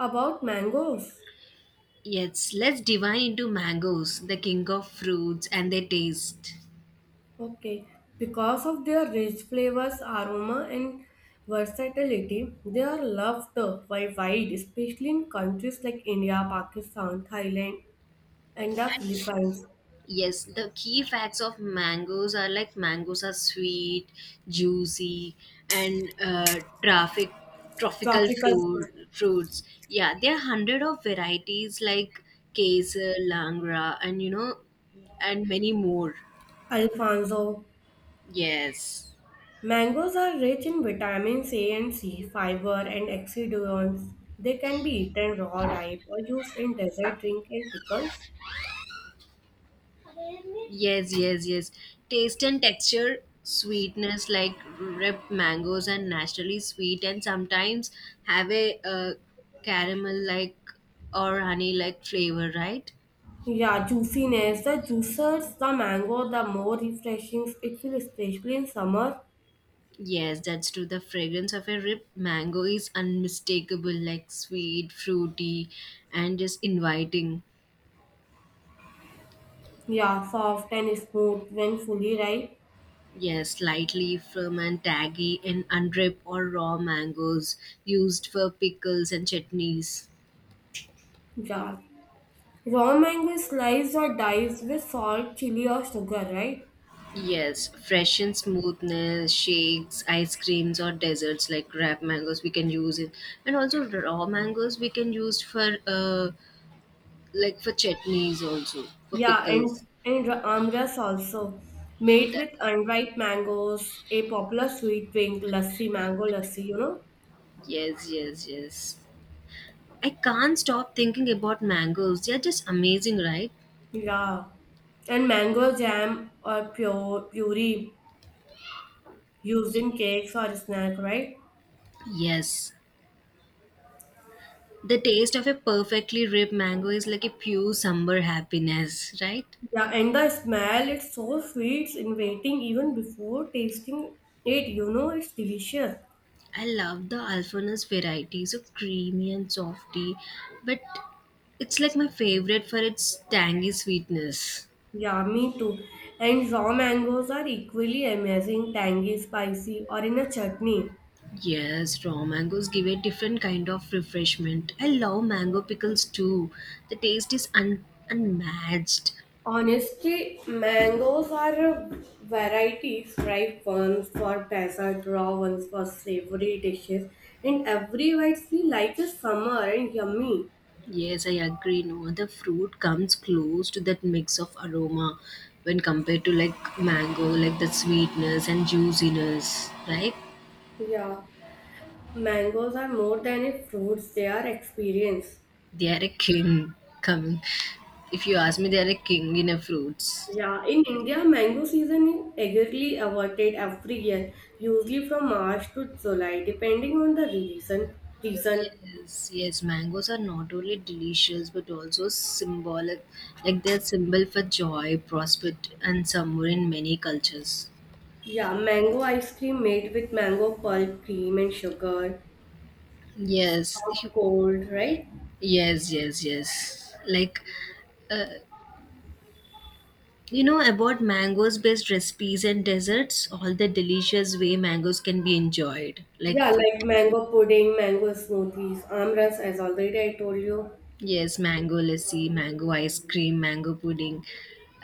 About mangoes. Yes, let's divine into mangoes, the king of fruits, and their taste. Okay. Because of their rich flavors, aroma, and versatility, they are loved by wide, especially in countries like India, Pakistan, Thailand, and the Philippines. Yes, the key facts of mangoes are like mangoes are sweet, juicy, and traffic tropical Tropical fruit fruit, fruits. Yeah, there are hundred of varieties like kesar, langra, and and many more. Alfonso. Yes. Mangoes are rich in vitamins A and C, fiber, and antioxidants. They can be eaten raw, ripe, or used in dessert, drink, and pickles. Yes, yes, yes. Taste and texture, sweetness like ripe mangoes and naturally sweet, and sometimes have a caramel like or honey like flavor, right? Yeah, juiciness. The juicers, the mango, the more refreshing it feels, especially in summer. Yes, that's true. The fragrance of a ripe mango is unmistakable, like sweet, fruity, and just inviting. Yeah, soft and smooth when fully ripe. Yes, slightly firm and taggy in unripe or raw mangoes used for pickles and chutneys. Yeah. Raw mango is sliced or diced with salt, chili, or sugar, right? Yes, fresh and smoothness, shakes, ice creams, or desserts like ripe mangoes, we can use it. And also raw mangoes, we can use for like for chutneys also for Yeah, pickles. and amras also made That, with unripe mangoes, a popular sweet drink, lassi, mango lassi, you know? yes, yes, yes. I can't stop thinking about mangoes. They're just amazing, right? Yeah. And mango jam or pure puree used in cakes or snack, right? Yes, the taste of a perfectly ripe mango is like a pure summer happiness, right? Yeah, and the smell, it's so sweet, inviting even before tasting it. You know, it's delicious. I love the Alfana's variety, so creamy and softy, but it's like my favorite for its tangy sweetness. Yeah, me too. And raw mangoes are equally amazing, tangy, spicy, or in a chutney. Yes, raw mangoes give a different kind of refreshment. I love mango pickles too. The taste is unmatched. Honestly, mangoes are varieties. Variety, ripe ones for dessert, raw ones for savory dishes, and every bite feels like a summer and yummy. Yes, I agree. No other fruit comes close to that mix of aroma when compared to like mango, like the sweetness and juiciness, right? Yeah, mangoes are more than a fruit, they are experience. They are a king coming. If you ask me, they are a king in a fruits. Yeah, in India, mango season is eagerly awaited every year, usually from March to July, depending on the reason. Reason, Yes, yes, mangoes are not only delicious but also symbolic. Like they're symbol for joy, prosperity, and summer in many cultures. yeah, mango ice cream made with mango pulp, cream, and sugar, Yes, you- hot, cold, right? yes, yes, yes. Like, uh, you know about mangoes based recipes and desserts, all the delicious way mangoes can be enjoyed. Yeah, like mango pudding, mango smoothies, amras, as already I told you. Yes, mango lassi, mango ice cream, mango pudding.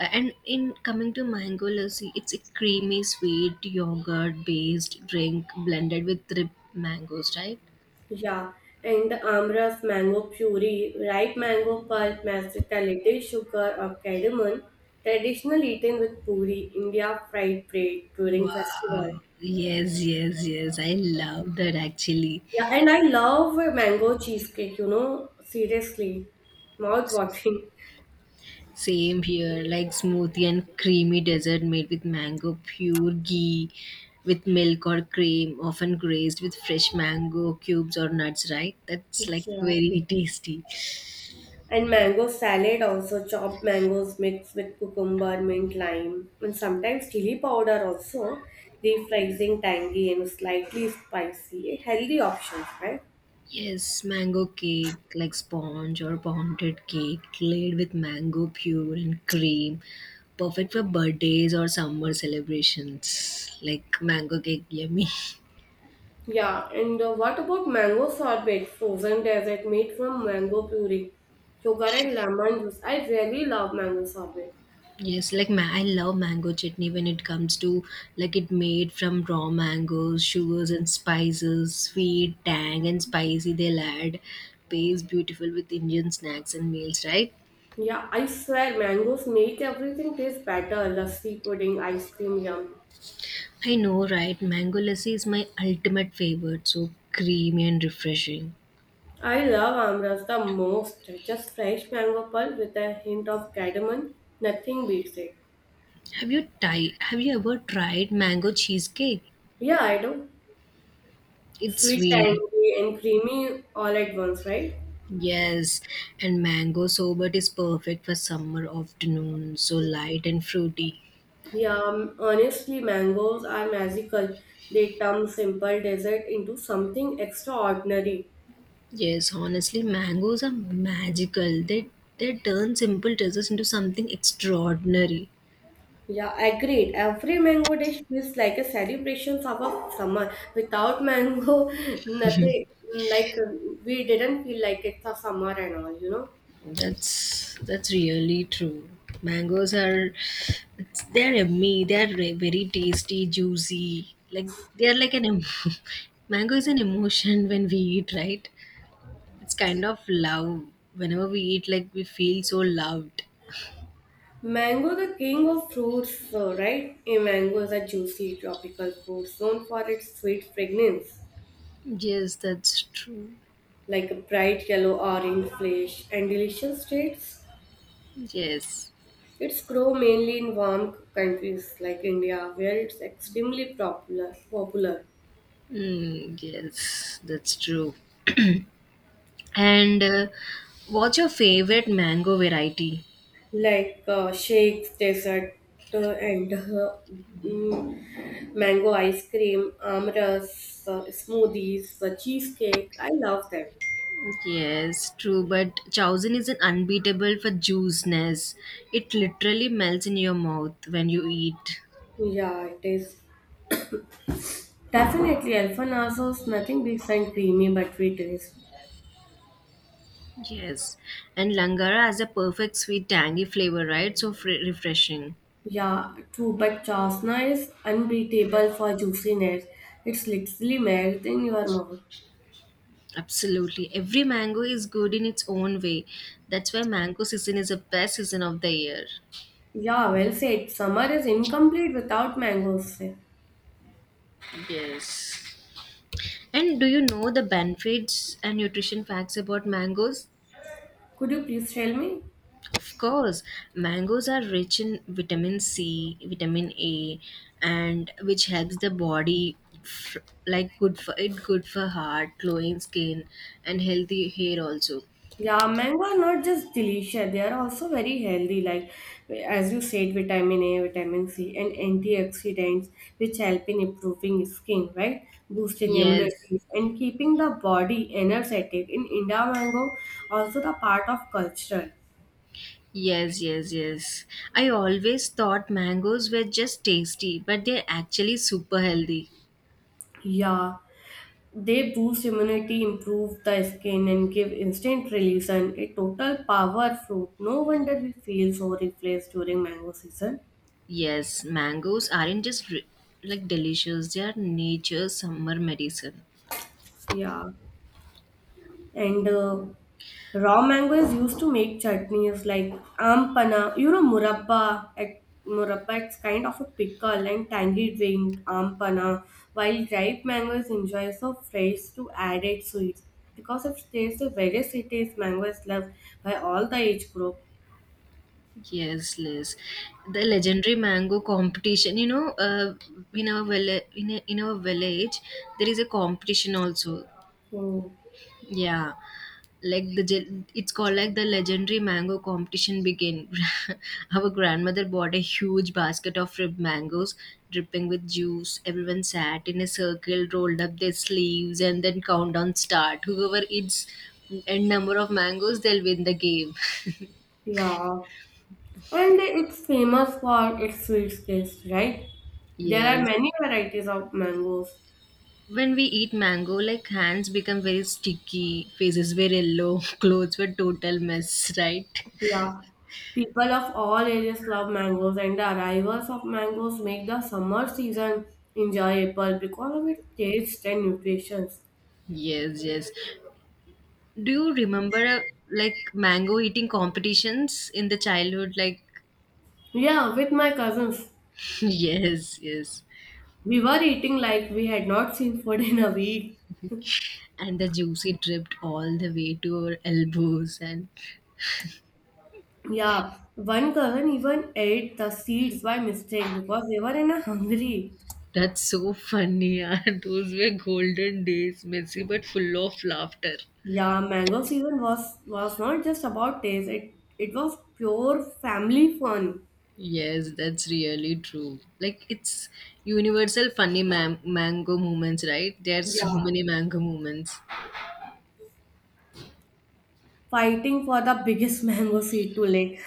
And in coming to mango lassi, it's a creamy, sweet, yogurt based drink blended with ripe mangoes, right? Yeah, and the Amras mango puree, ripe mango pulp, mashed little sugar or cardamom, traditional eaten with puri, India fried bread during festival. Wow. Yes, yes, yes. I love that actually. Yeah, and I love mango cheesecake, you know, seriously, mouth watering. Same here, like smoothie and creamy dessert made with mango, pure ghee, with milk or cream, often glazed with fresh mango cubes or nuts, right? That's like Yeah. very tasty. And mango salad also, chopped mangoes mixed with cucumber, mint, lime, and sometimes chili powder also, refreshing, tangy, and slightly spicy. A healthy option, right? Yes, mango cake like sponge or pounded cake laid with mango pure and cream. Perfect for birthdays or summer celebrations. Like mango cake, yummy. Yeah, and what about mango sorbet, frozen dessert made from mango puree, sugar and lemon juice? I really love mango sorbet. Yes, I love mango chutney when it comes to like it made from raw mangoes, sugars and spices, sweet, tang and spicy they'll add. Pays beautiful with Indian snacks and meals, right? Yeah, I swear mangoes make everything taste better. Lassi pudding, ice cream, yum. I know, right? Mango lassi is my ultimate favorite. So creamy and refreshing. I love Amras the most. Just fresh mango pulp with a hint of cardamom. Nothing beats it. Have you ever tried mango cheesecake? Yeah, I do. It's Sweet, sweet. tangy, and creamy all at once, right? Yes, and mango sorbet is perfect for summer afternoon. So light and fruity. Yeah, honestly, mangoes are magical. They turn simple dessert into something extraordinary. Yes, honestly, mangoes are magical. They turn simple desserts into something extraordinary. Yeah, agreed. Every mango dish feels like a celebration of a summer. Without mango, nothing like we didn't feel like it's a summer and all, you know. That's really true. Mangoes are it's, they're yummy. Very tasty, juicy. Like they're like an mango is an emotion when we eat, right? It's kind of love. Whenever we eat, like we feel so loved. Mango, the king of fruits, so, right? A mango is a juicy tropical fruit known for its sweet fragrance, Yes, that's true. like a bright yellow orange flesh and delicious taste. Yes, It's grow mainly in warm countries like India, where it's extremely popular. Popular, mm, yes, that's true. And what's your favorite mango variety? like shakes, dessert, uh, and uh, mango ice cream, amras, smoothies, cheesecake. I love them. Yes, true, but Chowzin is an unbeatable for juiciness. It literally melts in your mouth when you eat. Yeah, it is definitely Alfonso's nothing decent creamy buttery taste. Yes, and Langara has a perfect sweet tangy flavor, right? So refreshing. Yeah, true, but Chasna is unbeatable for juiciness. It's literally melt in your mouth. Absolutely. Every mango is good in its own way. That's why mango season is the best season of the year. Yeah, well said. Summer is incomplete without mangoes. Yes. And do you know the benefits and nutrition facts about mangoes? Could you please tell me? Of course, mangoes are rich in vitamin C, vitamin A, and which helps the body f- like good for heart, glowing skin, and healthy hair also. Yeah, mango are not just delicious, they are also very healthy, like as you said, vitamin A, vitamin C, and antioxidants, which help in improving skin, right? Boosting Yes. immunity and keeping the body energetic. In India, mango also the part of culture. Yes, yes, yes. I always thought mangoes were just tasty, but they're actually super healthy. Yeah, they boost immunity, improve the skin, and give instant relief and a total power fruit. No wonder we feel so refreshed during mango season. Yes, mangoes aren't just ri- like delicious, they are nature's summer medicine. Yeah, and raw mango is used to make chutneys like ampana. You know, murabba. At murabba, it's kind of a pickle and tangy drink. Ampana. While ripe mango is enjoyed so fresh to added sweets because of taste, the various cities mango is loved by all the age group. Yes, Liz. The legendary mango competition. You know, in our village, in our village, there is a competition also. Hmm. Yeah, like it's called like the legendary mango competition begin. Our grandmother bought a huge basket of ripe mangoes, dripping with juice. Everyone sat in a circle, rolled up their sleeves, and then countdown start. Whoever eats n number of mangoes, they'll win the game. Yeah, and it's famous for its sweet taste, right? There are Yes. many varieties of mangoes. When we eat mango, like hands become very sticky, faces were yellow, clothes were total mess, right? Yeah, people of all ages love mangoes, and the arrivals of mangoes make the summer season enjoyable because of its taste and nutrition. Yes, yes. Do you remember like mango eating competitions in the childhood? Like, Yeah, with my cousins, yes, yes. we were eating like we had not seen food in a week. And the juice it dripped all the way to our elbows, and Yeah, one cousin even ate the seeds by mistake because they were in a hungry. that's so funny. Yeah. Those were golden days, messy but full of laughter. Yeah, mango season was not just about taste. It was pure family fun. Yes, that's really true. Like it's universal funny mango moments, right? There's so Yeah, many mango moments. fighting for the biggest mango seed to lick.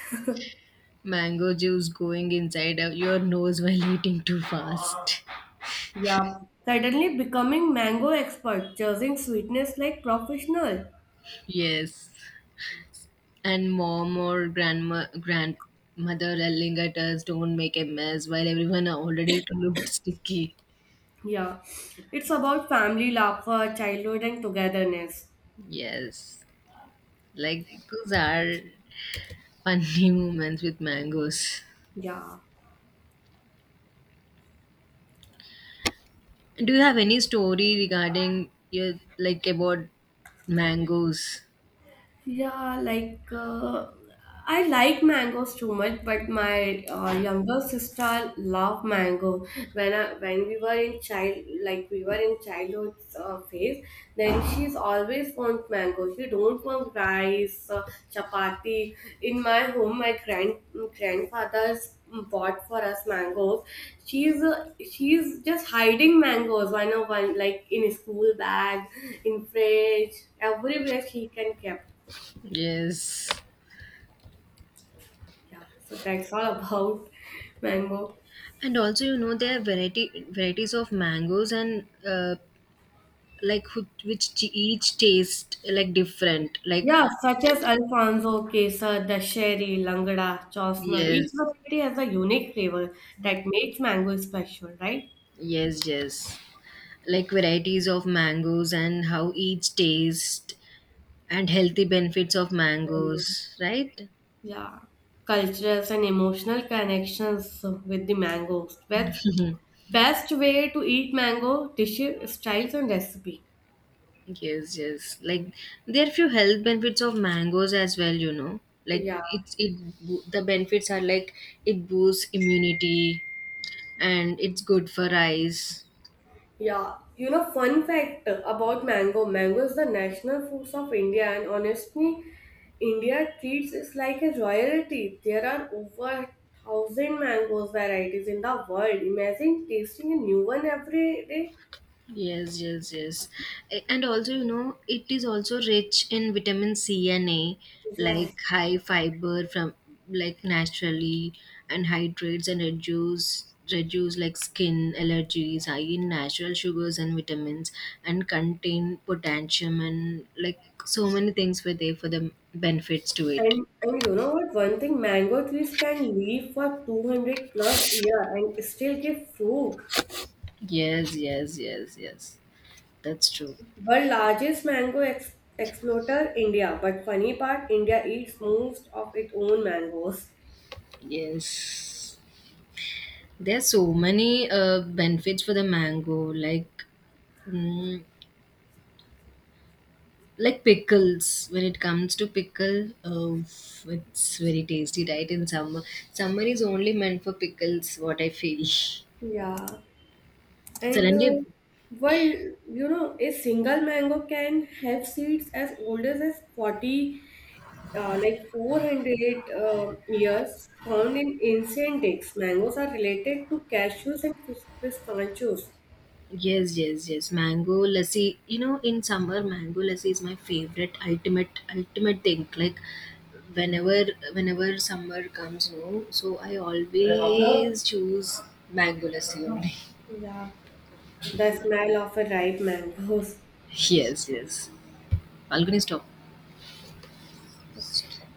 Mango juice going inside of your nose while eating too fast. Yeah, suddenly becoming mango expert, judging sweetness like professional. Yes, and mom or grandma grandmother yelling at us, "Don't make a mess," while everyone already looked sticky. Yeah, it's about family, laughter, childhood, and togetherness. Yes, like those are funny moments with mangoes. Yeah. Do you have any story regarding your like about mangoes? Yeah, like I like mangoes too much, but my younger sister loved mango. When we were in child, like we were in childhood phase, then she's always want mango. She don't want rice, chapati. In my home, my grandfather's bought for us mangoes. She's just hiding mangoes one on one, like in school bag, in fridge, everywhere she can keep. Yes, Yeah, so that's all about mango. and also you know there are variety varieties of mangoes and like who, each taste like different. Like Yeah, such as Alfonso, Kesar, Dasheri, Langda, Chosna. Each yes, variety has a unique flavor that makes mango special, right? yes, yes. Like varieties of mangoes and how each taste and healthy benefits of mangoes, Mangoes. right? Yeah. Cultures and emotional connections with the mangoes. Best way to eat mango dish styles and recipe. Yes, yes. Like there are few health benefits of mangoes as well, you know. Like Yeah. it's it the benefits are like it boosts immunity and it's good for eyes. Yeah, you know, fun fact about mango. Mango is the national fruit of India, and honestly, India treats it like a royalty. There are over thousand mangoes varieties in the world. Imagine tasting a new one every day. Yes, yes, yes. And also, you know, it is also rich in vitamin C and A, Yeah. like high fiber from like naturally and hydrates and reduce like skin allergies, high in natural sugars and vitamins and contain potassium and like so many things were there for the benefits to it. And you know what? One thing, mango trees can live for 200 plus year and still give fruit. Yes, yes, yes, yes. That's true. World largest mango exporter, India. But funny part, India eats most of its own mangoes. Yes. There's so many benefits for the mango, like mm, like pickles, when it comes to pickle, it's very tasty, right? In summer, summer is only meant for pickles. What I feel. Yeah, and Suddenly, well, you know, a single mango can have seeds as old as 40, like 400 years, found in ancient eggs. Mangoes are related to cashews and pistachios. yes, yes, yes. Mango lassi. You know, in summer, mango lassi is my favorite, ultimate, ultimate thing. Like whenever, whenever summer comes, no. So I always choose mango lassi only. Yeah, the smell of a ripe mango Yes, yes. Balcony stop.